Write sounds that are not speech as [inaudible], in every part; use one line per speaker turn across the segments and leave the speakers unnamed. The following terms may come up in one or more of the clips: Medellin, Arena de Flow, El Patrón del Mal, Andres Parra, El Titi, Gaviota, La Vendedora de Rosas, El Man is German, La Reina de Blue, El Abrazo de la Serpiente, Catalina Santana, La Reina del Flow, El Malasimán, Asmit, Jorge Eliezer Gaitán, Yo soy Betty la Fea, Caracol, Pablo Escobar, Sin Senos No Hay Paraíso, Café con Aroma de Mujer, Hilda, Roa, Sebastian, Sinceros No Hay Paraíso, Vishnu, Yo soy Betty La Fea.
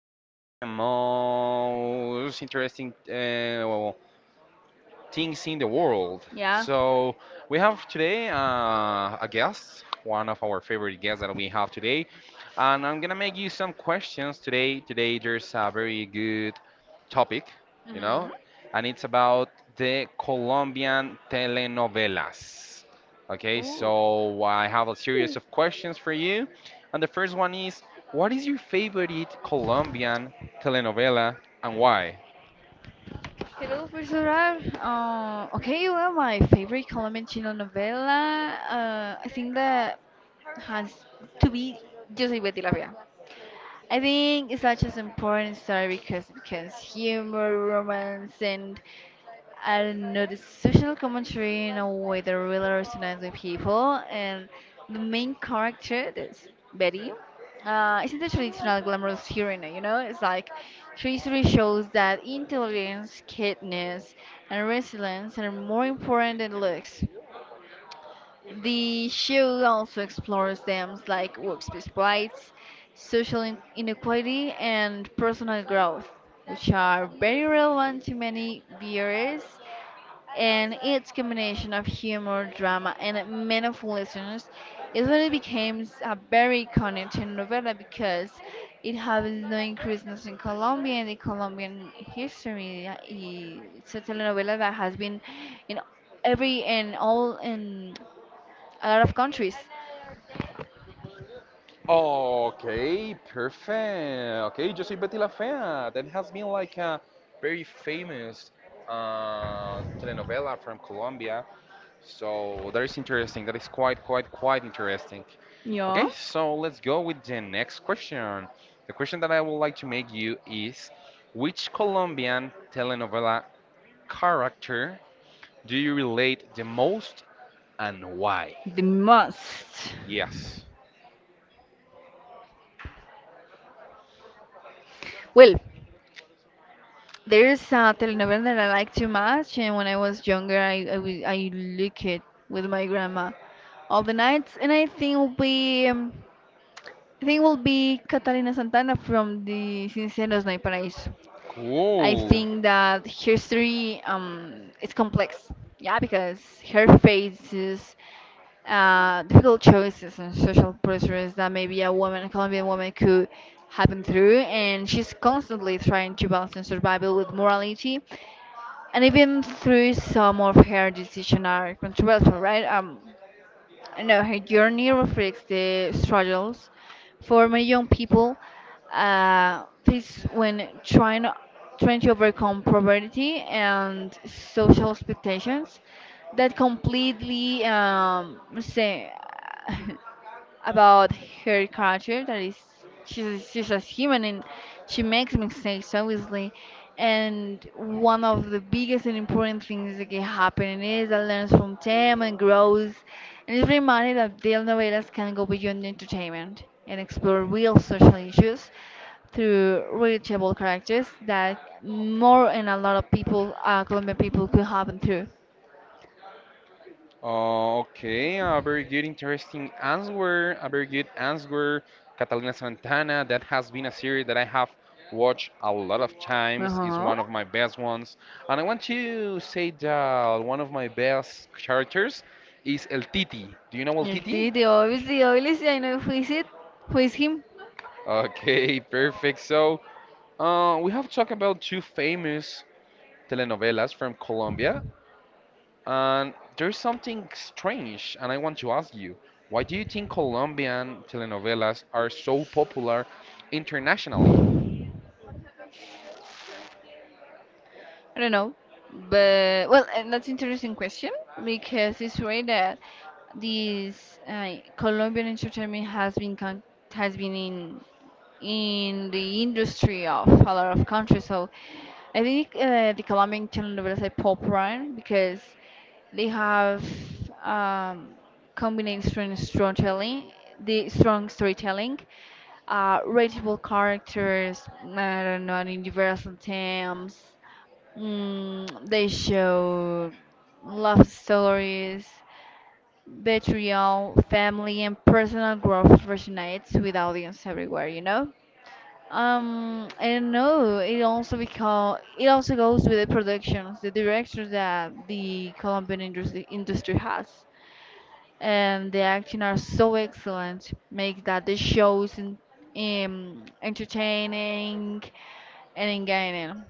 and the most interesting things in the world.
Yeah.
So we have today a guest, one of our favorite guests that we have today, and I'm gonna make you some questions today. Today there's a very good topic, you know, and it's about the Colombian telenovelas. Okay, so I have a series of questions for you, and the first one is, what is your favorite Colombian telenovela and why?
Hello, Professor. Okay, well, my favorite Colombian telenovela, I think that has to be Yo soy Betty la Fea. I think it's such an important story because humor, romance, and a social commentary in a way that really resonates with people. And the main character, that's Betty, isn't a traditional glamorous hero, you know? It's like her history shows that intelligence, kindness, and resilience are more important than looks. The show also explores themes like workspace rights, inequality, and personal growth, which are very relevant to many viewers, and its combination of humor, drama, and meaningful lessons is when it became a very iconic telenovela because it has no increases in Colombia and the Colombian history. It's a telenovela that has been in every and all in a lot of countries.
Okay, perfect. Okay, Yo Soy Betty La Fea. That has been like a very famous telenovela from Colombia. So that is interesting. That is quite, quite interesting.
Yeah,
Okay, so let's go with the next question. The question that I would like to make you is, which Colombian telenovela character do you relate the most and why?
the most.
Yes.
Well, there's a telenovela that I like too much, and when I was younger, I look it with my grandma all the nights, and I think will be Catalina Santana from the Sinceros No Hay Paraíso. I
Cool.
think that her story is complex, yeah, because her faces difficult choices and social pressures that maybe a woman, a Colombian woman, could happen through, and she's constantly trying to balance survival with morality, and even through some of her decisions are controversial, right? I know her journey reflects the struggles for many young people face when trying to overcome poverty and social expectations that completely say [laughs] about her culture that is she's a human, and she makes mistakes obviously, and one of the biggest and important things that can happen is that learns from them and grows, and is reminded that telenovelas can go beyond entertainment and explore real social issues through reachable characters that more and a lot of people Colombian people could happen through.
Oh, okay, a very good, interesting answer. A very good answer. Catalina Santana, that has been a series that I have watched a lot of times, is one of my best ones. And I want to say that one of my best characters is El Titi. Do you know El
El
Titi?
Titi, obviously, obviously, I know who is it, who is him.
Okay, [laughs] perfect. So, we have talked about two famous telenovelas from Colombia. And there's something strange, and I want to ask you, why do you think Colombian telenovelas are so popular internationally?
I don't know, but well, and that's interesting question because it's right that this Colombian entertainment has been in the industry of a lot of countries. So I think the Colombian telenovelas are popular because they have um, combined strong storytelling, the strong storytelling, relatable characters, I don't know, in diverse themes. Mm, they show love stories, betrayal, family, and personal growth resonates with audience everywhere, you know? I don't know. It also because it also goes with the productions, the directions that the Colombian industry has, and the acting are so excellent, make that the shows in, entertaining and engaging.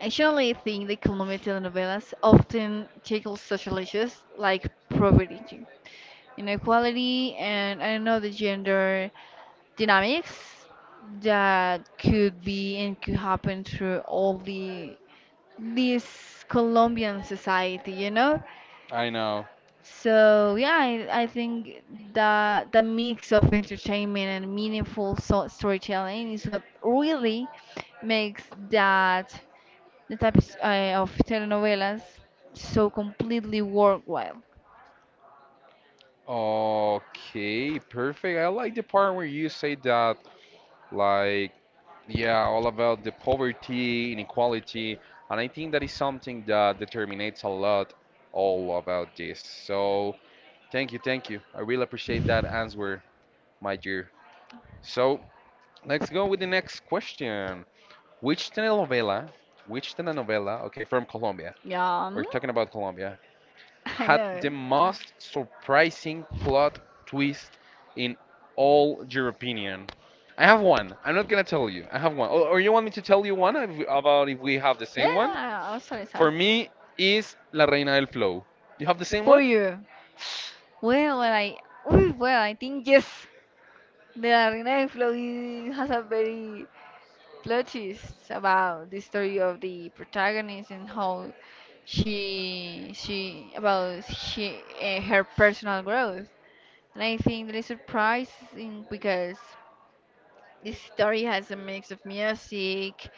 Actually, I think the Colombian telenovelas often tackle social issues like poverty, inequality, and I don't know the gender dynamics that could be and could happen through all the this Colombian society, you know?
I know.
So yeah, I think that the mix of entertainment and meaningful so storytelling is what really makes that the type of telenovelas so completely worthwhile.
Okay, perfect. I like the part where you say that, like, yeah, all about the poverty, inequality, and I think that is something that determinates a lot all about this. So, thank you, thank you. I really appreciate that answer, my dear. So, let's go with the next question. Which telenovela, which telenovela, okay, from Colombia,
Yeah,
we're
mm,
talking about Colombia,
[laughs] I
had the
know.
most surprising plot twist in all your opinion? I have one. I'm not gonna tell you. I have one. Or you want me to tell you one if, about if we have the same one?
Yeah, oh, sorry,
For
sorry.
me, is La Reina del Flow. You have the
For
same one?
one. You. Well, well, I, Ooh, well, I think yes. The Arena de Flow has a very plot twist about the story of the protagonist and how she about she her personal growth. And I think that is surprising because this story has a mix of music,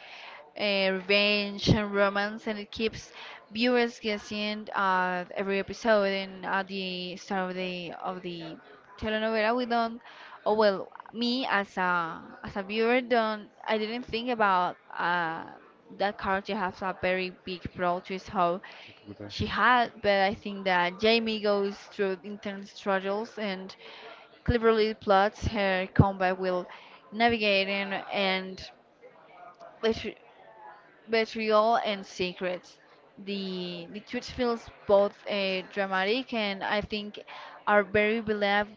revenge and romance, and it keeps viewers guessing at every episode and at the start of the telenovela. We don't, oh well, me as a viewer don't. I didn't think about that character has a very big plot twist how
Qué puta.
she had, but I think that Jamie goes through internal struggles and cleverly plots her combat will navigating and betrayal and secrets. The truth feels both dramatic, and I think are very believe,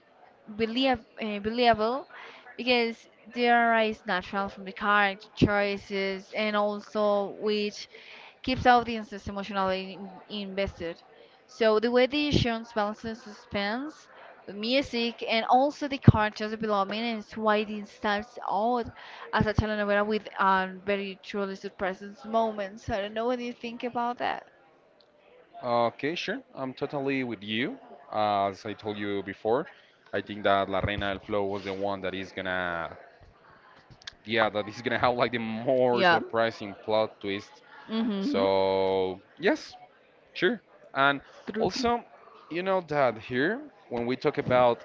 believe, uh, believable because they arise natural from the character choices and also which keeps audiences emotionally invested. So the way the actions balances suspense, music, and also the characters' development is why this stands out as a telenovela with very truly surprising moments. I don't know what you think about that.
Okay, sure. I'm totally with you. As I told you before, I think that La Reina del Flow was the one that is gonna yeah, that is gonna have like the more
Yeah.
surprising plot twist.
Mm-hmm.
So yes, sure. And
True, true.
also, you know that here when we talk about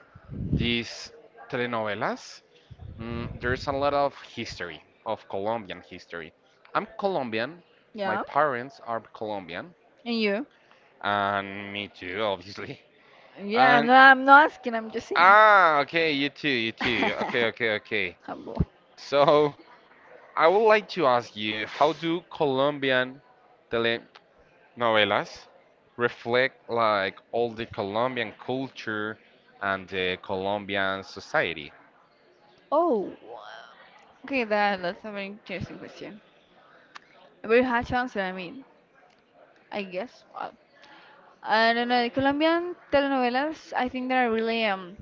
these telenovelas, mm, there's a lot of history of Colombian history. I'm Colombian. My
Yeah.
parents are Colombian,
And you?
and me too, obviously. [laughs]
Yeah,
And
I'm not asking, I'm just saying.
ah, okay, you too, you too. Okay,
[laughs]
okay, okay.
Humble.
So I would like to ask you, how do Colombian telenovelas reflect like all the Colombian culture and the Colombian society?
Oh, okay, that's a very interesting question. A very hard to answer, I mean, I guess. I don't know, the Colombian telenovelas, I think they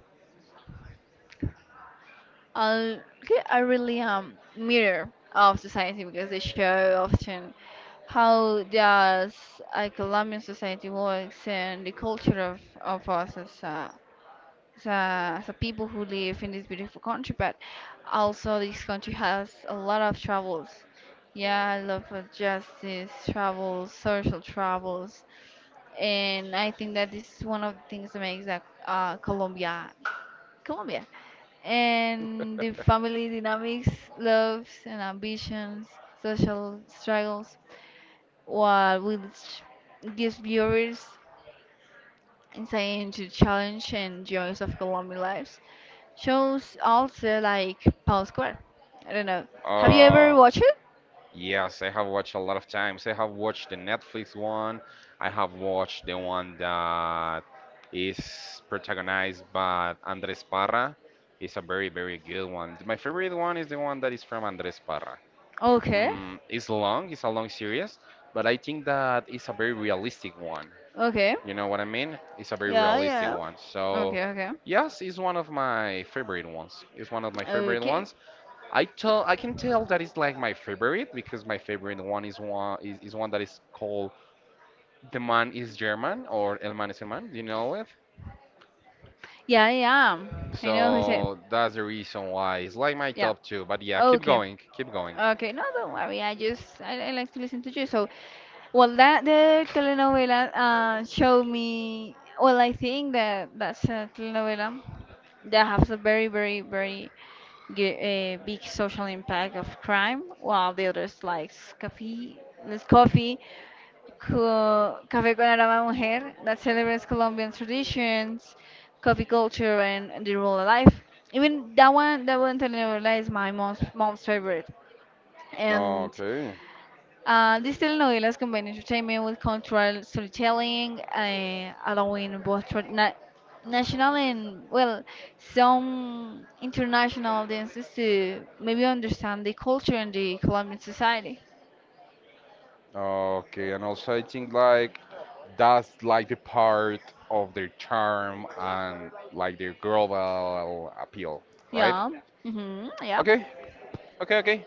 are are really, mirror of society because they show often how does a Colombian society works and the culture of us as, as a people who live in this beautiful country, but also this country has a lot of troubles. Yeah, I love justice, troubles, social troubles, and I think that this is one of the things that makes that Colombia, and the family dynamics, loves and ambitions, social struggles, while which gives viewers insight into challenge and joys of Colombian lives. Shows also like Paul Square. I don't know. Have you ever
Uh,
watched it?
Yes, I have watched a lot of times. I have watched the Netflix one. I have watched the one that is protagonized by Andres Parra. It's a very, very good one. My favorite one is the one that is from Andres Parra.
Okay.
Mm, it's long, it's a long series, but I think that it's a very realistic one.
Okay.
You know what I mean? It's a very
Yeah,
realistic
yeah.
one. So,
Okay, okay.
yes, it's one of my favorite ones. It's one of my favorite
Okay.
ones. I can tell that it's like my favorite because my favorite one is one that is called The Man is German or El Man is a Man. Do you know it?
Yeah, yeah. I know who said.
So that's the reason why it's like my
Yeah.
top two. But yeah,
Okay.
keep going.
Okay, no, don't worry. I like to listen to you. So, well, that the telenovela showed me. Well, I think that that's a telenovela that has a very big social impact of crime, while the others like coffee, Les Coffee, Café con Aroma Mujer, that celebrates Colombian traditions, coffee culture, and the rural life. Even that one telenovela is my mom's favorite, and
Okay.
these telenovelas combine entertainment with cultural storytelling, allowing both national and, well, some international audiences to maybe understand the culture and the Colombian society.
Okay. And also, I think like that's like the part of their charm and like their global appeal, right?
Yeah. Hmm. Yeah.
Okay. Okay. Okay.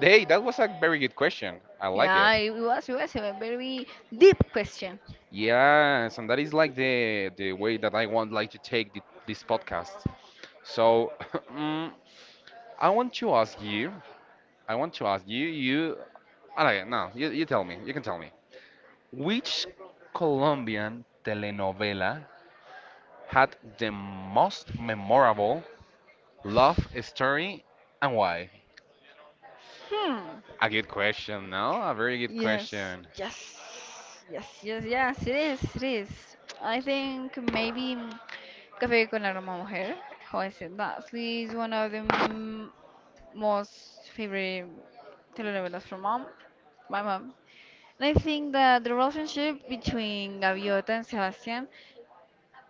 Hey, that was a very good question. I like it.
Yeah, it was a very deep question.
Yes, and that is like the way that I want like to take this podcast. So [laughs] [clears throat] mm, I want to ask you, I want to ask you, okay, no, you tell me, you can tell me, which Colombian telenovela had the most memorable love story and why?
Hmm.
A good question, no? A very good
Yes,
question.
yes, yes, yes, yes, it is, it is. I think maybe. Café con Aroma a Mujer. How I said that. She's one of the most favorite telenovelas from mom, my mom. And I think that the relationship between Gaviota and Sebastian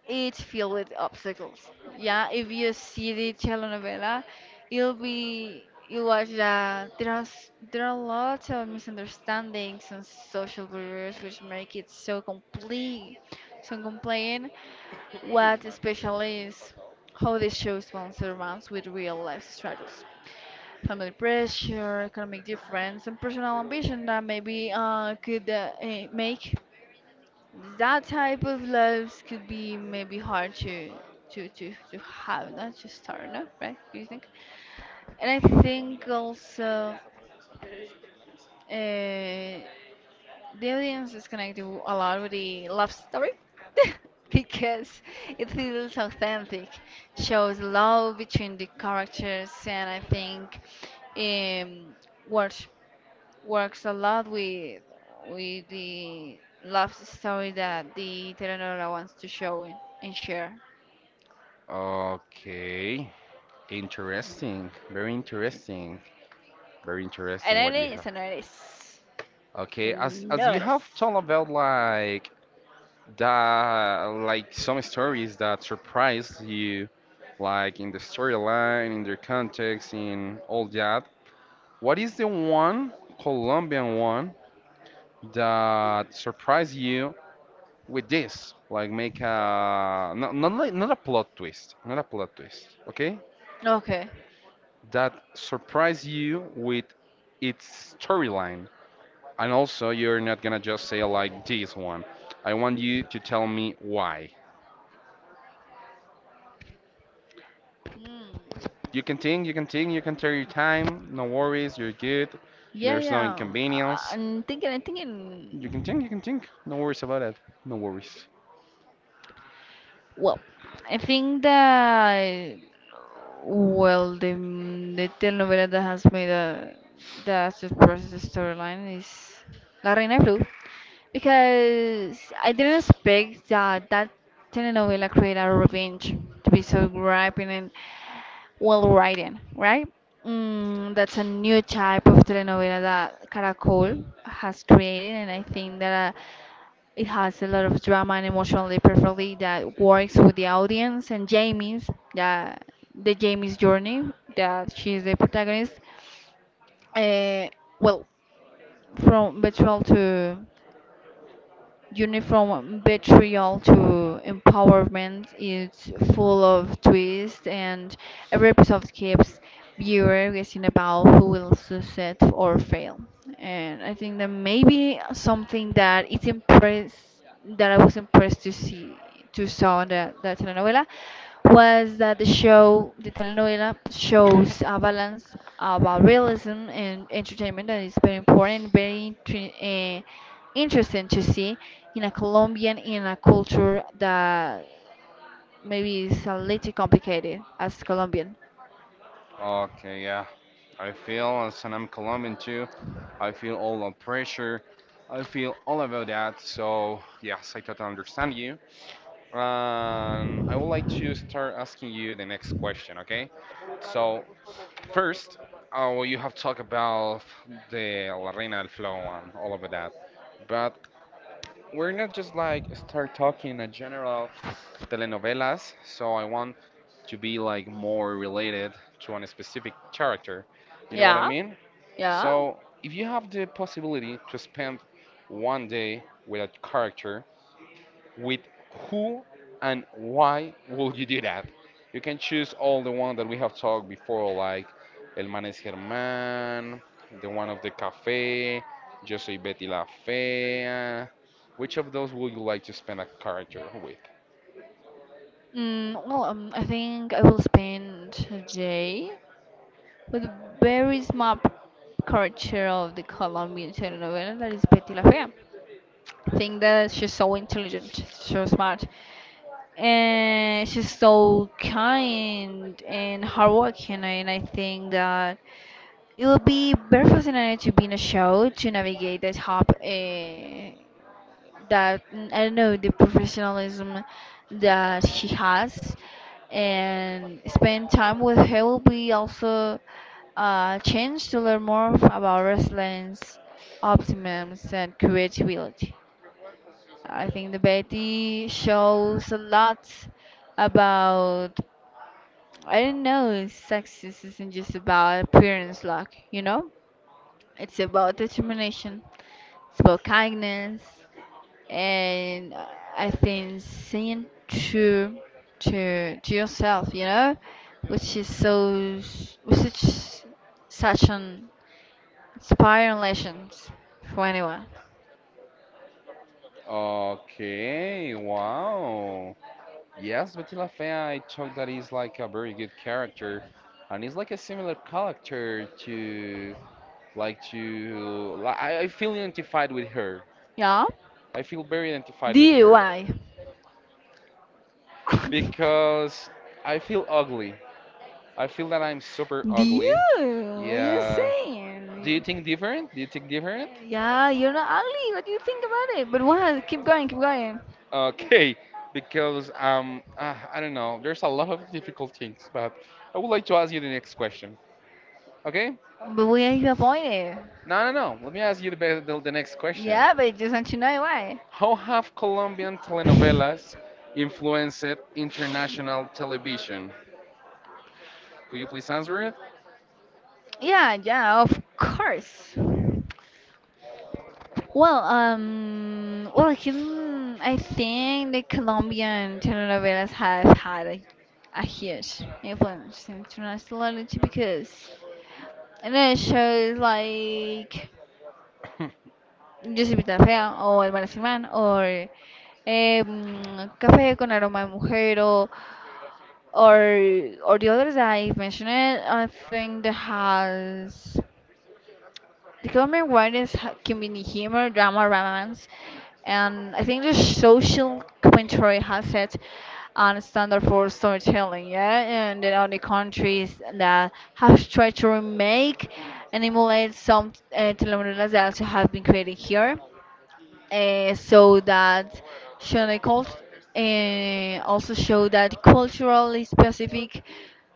it's filled with obstacles. Yeah, if you see the telenovela, you'll be you watch that there are there are lots of misunderstandings and social barriers which make it so complete, so complain. What especially is how the show surrounds with real life struggles, family pressure, economic difference, and personal ambition that maybe make that type of lives could be maybe hard to to have not to start, no? Right? Do you think? And I think also uh, the audience is gonna do a lot with the love story [laughs] because it feels authentic, shows love between the characters, and I think um, works works a lot with the love story that the telenovela wants to show and share.
Okay, interesting, very
An
interesting what you
artist, an artist,
okay,
an
as you have
artist.
told about like that, like some stories that surprised you, like in the storyline, in their context, in all that. What is the one Colombian one that surprised you with this? Like make a not not like not a plot twist. Okay,
Okay.
that surprised you with its storyline. And also, you're not gonna just say like this one. I want you to tell me why.
Mm.
You can think, you can take your time. No worries, you're good.
Yeah,
There's no
yeah.
inconvenience.
I'm thinking. I'm thinking.
You can think. No worries about it. No worries.
Well, I think that well the telenovela that has made a that surprised the surprising storyline is La Reina de Blue because I didn't expect that that telenovela create a revenge to be so gripping and well written, right? Mm, that's a new type of telenovela that Caracol has created, and I think that. It has a lot of drama and emotionally perfectly that works with the audience and Jamie's that the Jamie's journey that she's the protagonist. Uh, well, from betrayal to journey from betrayal to empowerment is full of twists, and every episode keeps viewer guessing about who will succeed or fail. And I think that maybe something that it's impressed that I was impressed to see to saw in the telenovela was that the show, the telenovela, shows a balance about realism and entertainment that is very important, very uh, interesting to see in a Colombian in a culture that maybe is a little complicated as Colombian.
Okay, yeah. I feel as an I'm Colombian too. I feel all the pressure. I feel all about that. So yes, I totally understand you. I would like to start asking you the next question. Okay. So first, oh, you have talked about the La Reina del Flow and all of that, but we're not just like start talking a general telenovelas. So I want to be like more related to a specific character. You know what I
Yeah,
mean?
yeah.
So if you have the possibility to spend one day with a character, with who and why will you do that? You can choose all the one that we have talked before, like El Manes Germán, the one of the cafe, Yo Soy Betty La Fea. Which of those would you like to spend a character with?
Well, I think I will spend a day with very small character of the Colombian telenovela that is Betty La Fea. I think that she's so intelligent, so smart, and she's so kind and hardworking, and I think that it will be very fascinating to be in a show to navigate that I don't know the professionalism that she has, and spend time with her will be also a chance to learn more about wrestling's optimism and creativity. I think the Betty shows a lot about I don't know, sexism isn't just about appearance luck, you know? It's about determination, it's about kindness, and I think seeing true to yourself, you know, which is such an inspiring lesson for anyone.
Okay, wow. Yes, Betty La Fea, I thought that is like a very good character, and it's like a similar character to I feel identified with her.
Yeah.
I feel very identified
Do
with
you?
her
Why? [laughs]
because I feel ugly. I feel that I'm super
Do
ugly.
you? What you
Yeah.
saying?
Do you think different?
Yeah, you're not ugly. What do you think about it? But what? Keep going, keep going.
Okay, because I don't know. There's a lot of difficult things, but I would like to ask you the next question. Okay?
But we are disappointed.
No, no, no. Let me ask you the next question.
Yeah, but I just want to know why.
How have Colombian telenovelas influenced international television? Could you please answer it?
Yeah, yeah, of course. Well, I think the Colombian telenovelas have had a huge influence internationally too, because and then shows like
[laughs]
Yo soy Pita Fea o El Malasimán or Café con Aroma de Mujer o Or the others that I've mentioned, I think that has the common one is community humor, drama, romance, and I think the social commentary has it on standard for storytelling, yeah, and then other countries that have tried to remake and emulate some telenovelas that also have been created here so that Shoney cult also show that culturally specific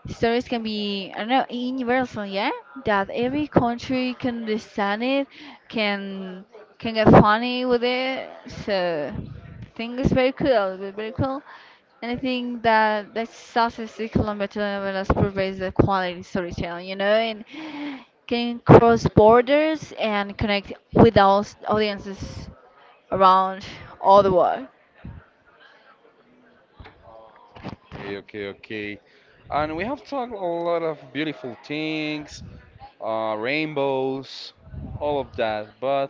stories can be, I don't know, universal, yeah. That every country can understand it, can can get funny with it. So I think it's very cool, very cool. And I think that that success the kilometer Velas provides a quality storytelling, you know, and can cross borders and connect with all audiences around all the world.
Okay. And we have talked a lot of beautiful things, rainbows, all of that. But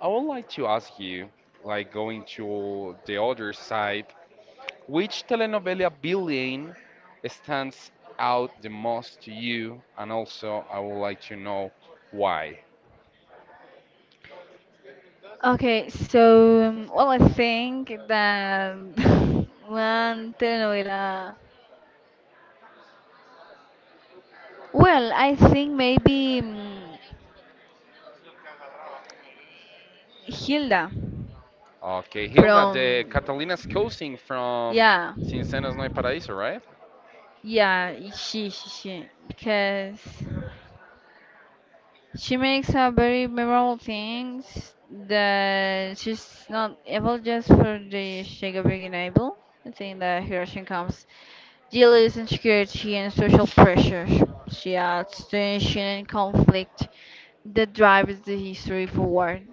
I would like to ask you, like going to the other side, which telenovela villain stands out the most to you? And also, I would like to know why.
Okay, so well, I think that [laughs] one telenovela. Well, I think maybe Hilda
Okay, Hilda,
from.
the Catalina's cousin from
Yeah,
Sin Senos No Hay Paraíso, right?
yeah, she, because she makes a very memorable things that she's not able just for the sake of being able. I think that Hiroshi comes Deal is insecurity and social pressures. She adds tension and conflict that drives the history forward.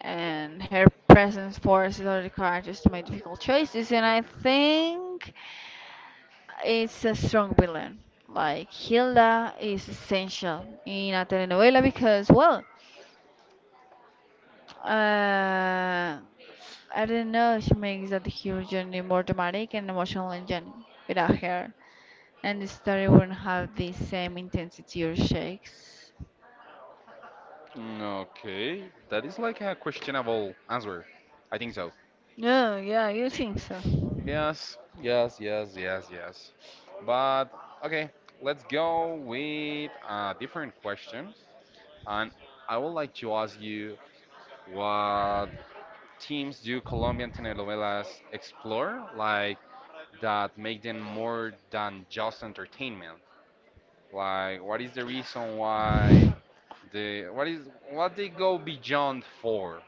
And her presence forces other characters to make difficult choices, and I think it's a strong villain. Like Hilda is essential in a telenovela because, well, uh, I don't know, she makes that hero journey more dramatic and emotional and without her. And the story won't have the same intensity or shakes.
Mm, okay, that is like a questionable answer. I think so.
Yeah, yeah, you think so.
Yes. But okay, let's go with a different question. And I would like to ask you what themes do Colombian telenovelas explore, like that make them more than just entertainment? Like, what is the reason why the what is what they go beyond for?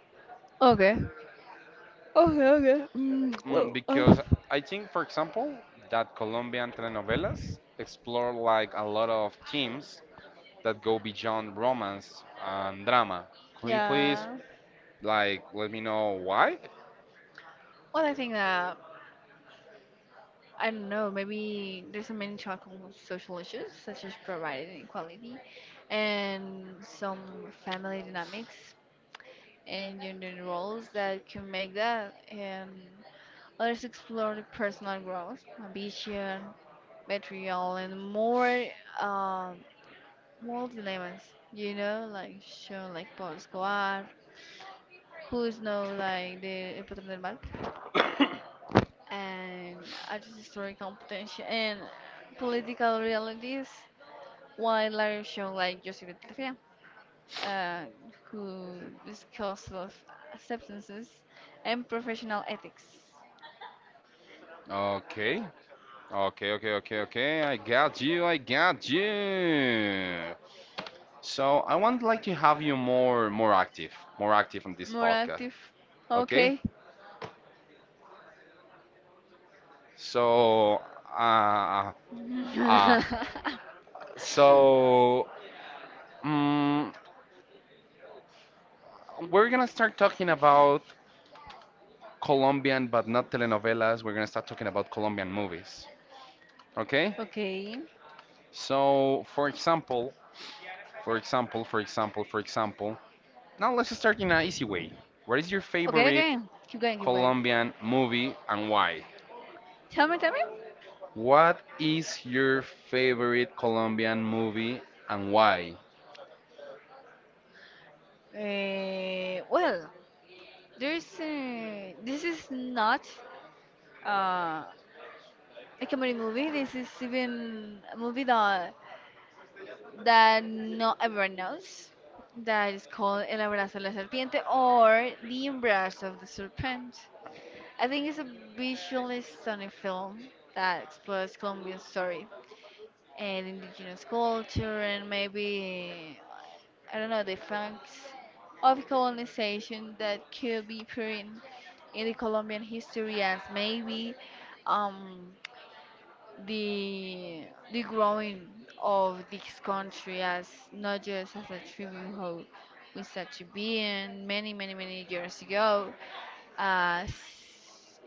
Okay. Okay, okay.
Mm,
Well, I
because I think, for example, that Colombian telenovelas explore like a lot of themes that go beyond romance and drama. Could you please
yeah.
like let me know why?
Well, I think that, I don't know, maybe there's a many talking social issues, such as provided inequality and some family dynamics and gender roles that can make that. And others explore the personal growth, ambition, material, and more. Um, more dilemmas, you know, like shown like Pablo Escobar, who is now like the El Patrón del Mal, and artist historical potential and political realities, while Larry shown like Joseph Tafia, uh, who discussed of acceptances and professional ethics.
Okay, okay, okay. I got you. So I want like to have you more active, on this
More
podcast.
active.
Okay.
Okay.
So, uh,
[laughs]
uh, so. Mm, we're gonna start talking about Colombian, but not telenovelas. We're gonna start talking about Colombian movies. Okay?
okay.
So, for example. Now let's start in an easy way. What is your
Okay,
favorite
okay. Keep going, keep going.
Colombian movie and why?
Tell me, tell me.
What is your favorite Colombian movie and why?
Well, this is not uh, a comedy movie. This is even a movie that not everyone knows. That is called El Abrazo de la Serpiente or The Embrace of the Serpent. I think it's a visually stunning film that explores Colombia's story and indigenous culture and maybe, I don't know, the facts of colonization that could be put in the Colombian history as maybe um, the the growing of this country as not just as a tribal whole with such a being many many many years ago as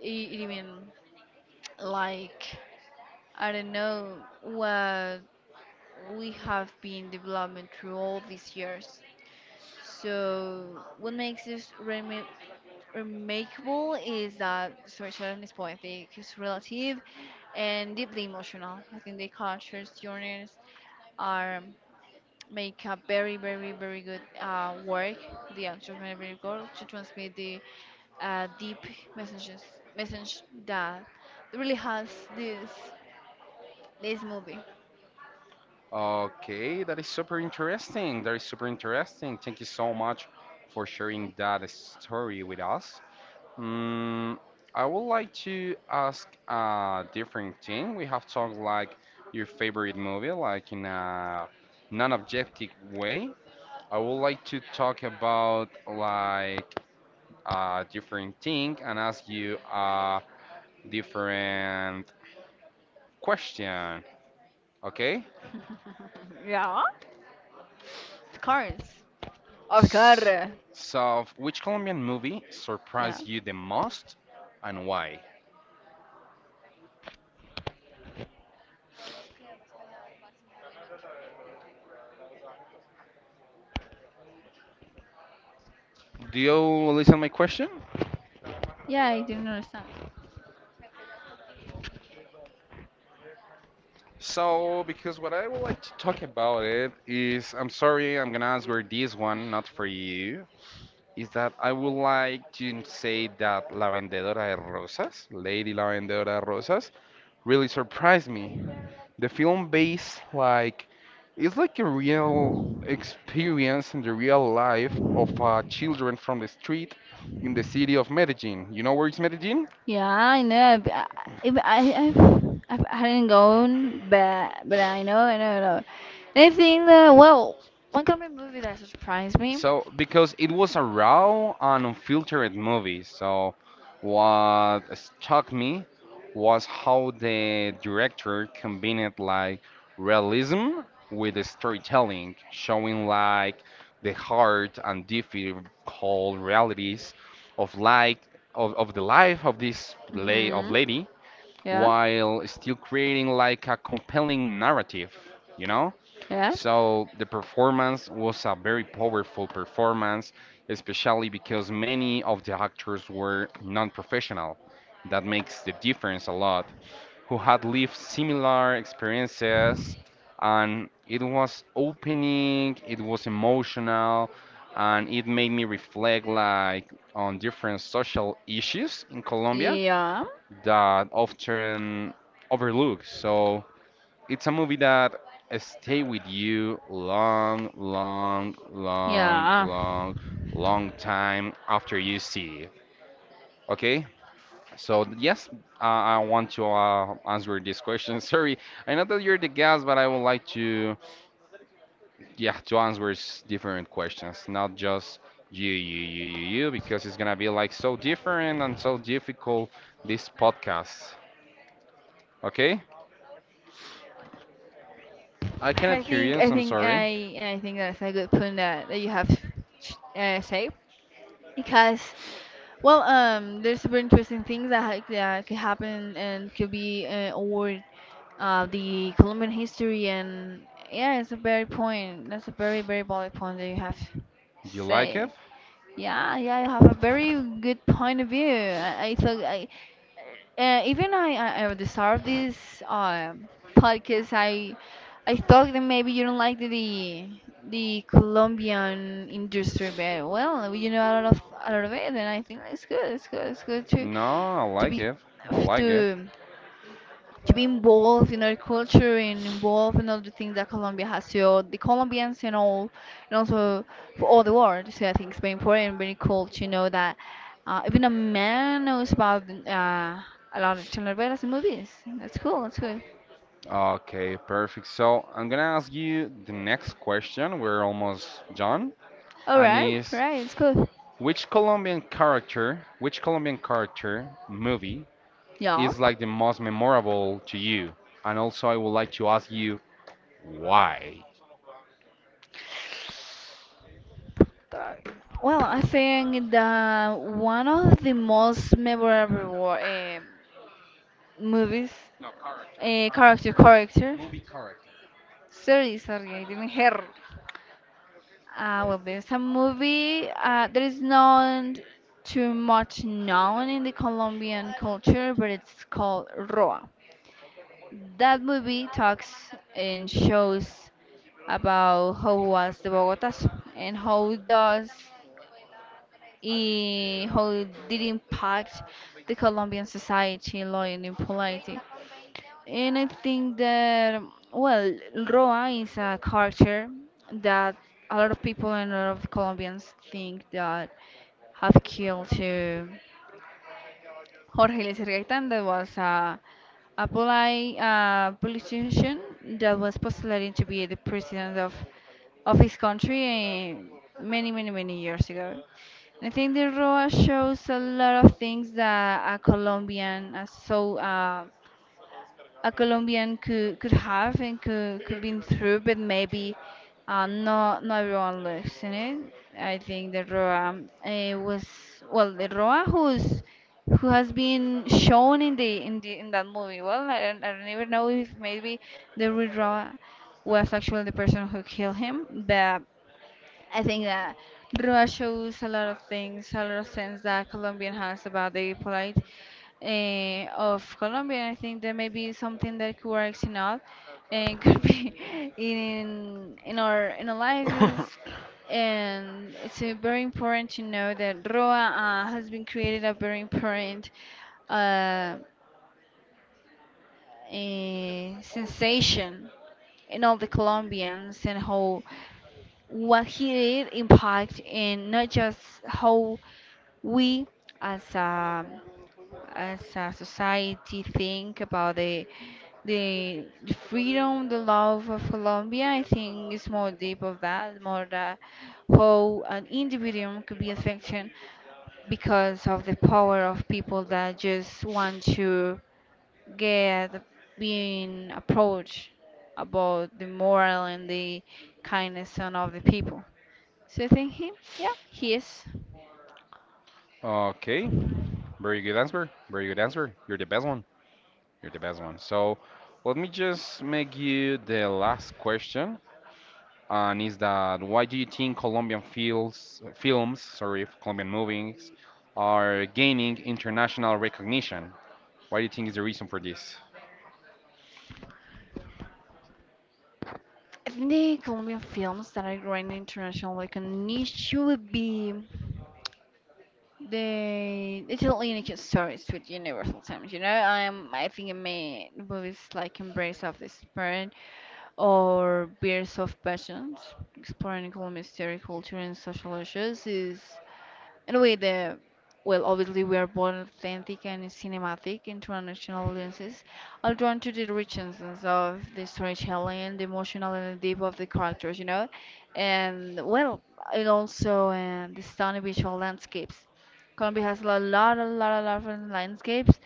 it even like I don't know what we have been developing through all these years. So, what makes this remakeable is that storytelling is poetic, it's relative, and deeply emotional. I think the cultures, journeys are make a very, very, very good work. The actors make very good to transmit the deep messages, message that really has this this movie.
Okay, that is super interesting. That is super interesting. Thank you so much for sharing that story with us. Mm, I would like to ask a different thing. We have talked like your favorite movie, like in a non-objective way. I would like to talk about like a different thing and ask you a different question. Okay?
The cards,
S- So, which Colombian movie
yeah.
surprised you the most and why? Do you listen my question?
Yeah, I didn't understand.
So, because what I would like to talk about it is, I'm sorry, I'm gonna answer this one, not for you. Is that I would like to say that La Vendedora de Rosas, Lady La Vendedora de Rosas, really surprised me. The film based like it's like a real experience in the real life of children from the street in the city of Medellin. You know where is Medellin?
Yeah, I know. I, if I, I hadn't gone, but I know, I know, I know. And I think that well, one comedy movie that surprised me.
So, because it was a raw and unfiltered movie, so what struck me was how the director combined like realism with the storytelling, showing like the hard and difficult realities of like of the life of this lay of
Mhm.
lady,
Yeah.
while still creating like a compelling narrative, you know? So the performance was a very powerful performance, especially because many of the actors were non-professional. That makes the difference a lot. Who had lived similar experiences, and it was opening, it was emotional, and it made me reflect like on different social issues in
Yeah.
Colombia
Yeah.
that often overlooked. So it's a movie that stay with you
Yeah.
long time after you see it. Okay? So yes, I want to answer this question. [laughs] Sorry, I know that you're the guest, but I would like to, yeah, to answer different questions, not just you, because it's gonna be like so different and so difficult this podcast. Okay? I cannot hear you, so I'm sorry.
I think that's a good point that you have say because well there's super interesting things that that could happen and could be over the Colombian history and yeah it's a very point that's a very very valid point that you have
Do you like it?
say. Yeah, yeah, you have a very good point of view. I thought I. Even at the start of this uh, podcast, I thought that maybe you don't like the Colombian industry, but well, you know a lot of it, and I think it's good. It's good. It's good
No, I
to
like
be
it. I like it.
to to be involved in our culture and involved in all the things that Colombia has to offer, the Colombians and all, and also for all the world. So I think it's very important and very cool to know that even a man knows about a lot of telenovelas and movies. That's cool. That's cool.
Okay, perfect. So I'm gonna ask you the next question. We're almost done.
All
And
right,
is
right. It's cool.
which Colombian character movie
Yeah.
is like the most memorable to you? And also, I would like to ask you why.
Try. Well, I think that one of the most memorable movies, character.
Movie character.
Sorry, sorry, I didn't hear. Well, there's a movie that is not too much known in the Colombian culture, but it's called Roa. That movie talks and shows about how was the Bogotas and how does how it did impact the Colombian society, law and in polity. And I think that, well, Roa is a character that a lot of people and a lot of Colombians think that have killed to Jorge Eliezer Gaitán, that was a politician that was postulating to be the president of his country many, many, many years ago. I think the Roa shows a lot of things that a Colombian, a Colombian could have and could been through, but maybe not not everyone looks in it. I think the Roa was well the Roa who has been shown in the in that movie. Well, I don't even know if maybe the real Roa was actually the person who killed him, but I think that Rua shows a lot of things, a lot of sense that Colombian has about the polite of Colombia. I think there may be something that could work in all and [laughs] could be in our analysis.
[laughs] [coughs]
And it's very important to know that Roa has been created a very important uh, sensation in all the Colombians and how what he did impact in not just how we as a as a society think about the the freedom, the love of Colombia. I think it's more deep of that, more that how an individual could be affected because of the power of people that just want to get being approached about the moral and the kindness and of the people. So I think he, yeah, he is.
Okay, very good answer. Very good answer. You're the best one. You're the best one. So let me just make you the last question. And is that why do you think Colombian Colombian movies are gaining international recognition? What do you think is the reason for this?
I think the Colombian films that are growing international, like a niche, would be the Italian stories with Universal themes. You know, I think it may movies like Embrace of the Spirit or Beers of Passions, exploring Colombia's story, culture, and social issues is. Anyway, the well, obviously we are born authentic and cinematic international audiences are drawn to the richness of the storytelling, the emotional and the deep of the characters, you know, and well, and also the stunning visual landscapes. Colombia has a lot, lot, a lot, a lot of different landscapes,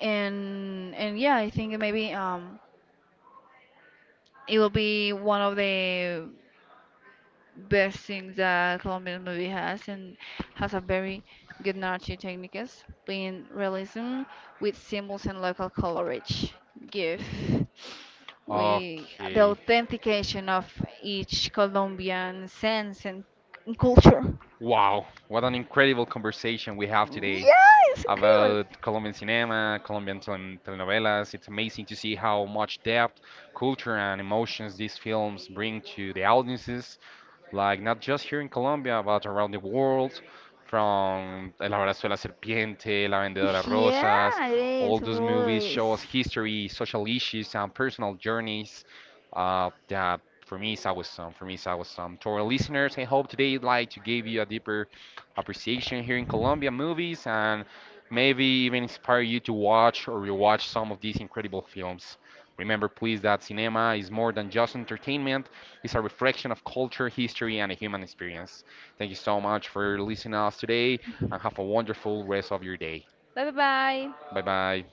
and yeah, I think maybe it will be one of the best thing that Colombian movie has and has a very good narrative techniques, being realism with symbols and local colorage. Give we the
Okay.
authentication of each Colombian sense and culture.
Wow, what an incredible conversation we have today
Yeah, it's incredible.
about Colombian cinema, Colombian telenovelas. It's amazing to see how much depth, culture, and emotions these films bring to the audiences, like not just here in Colombia, but around the world, from El Abrazo de la Serpiente, La Vendedora de Rosas.
Yeah, it
All
is.
those movies
Was.
show us history, social issues, and personal journeys. That for me is awesome. For me is awesome. To our listeners, I hope today like to give you a deeper appreciation here in Colombia movies and maybe even inspire you to watch or rewatch some of these incredible films. Remember, please, that cinema is more than just entertainment. It's a reflection of culture, history, and the human experience. Thank you so much for listening to us today and have a wonderful rest of your day.
Bye bye.
Bye bye.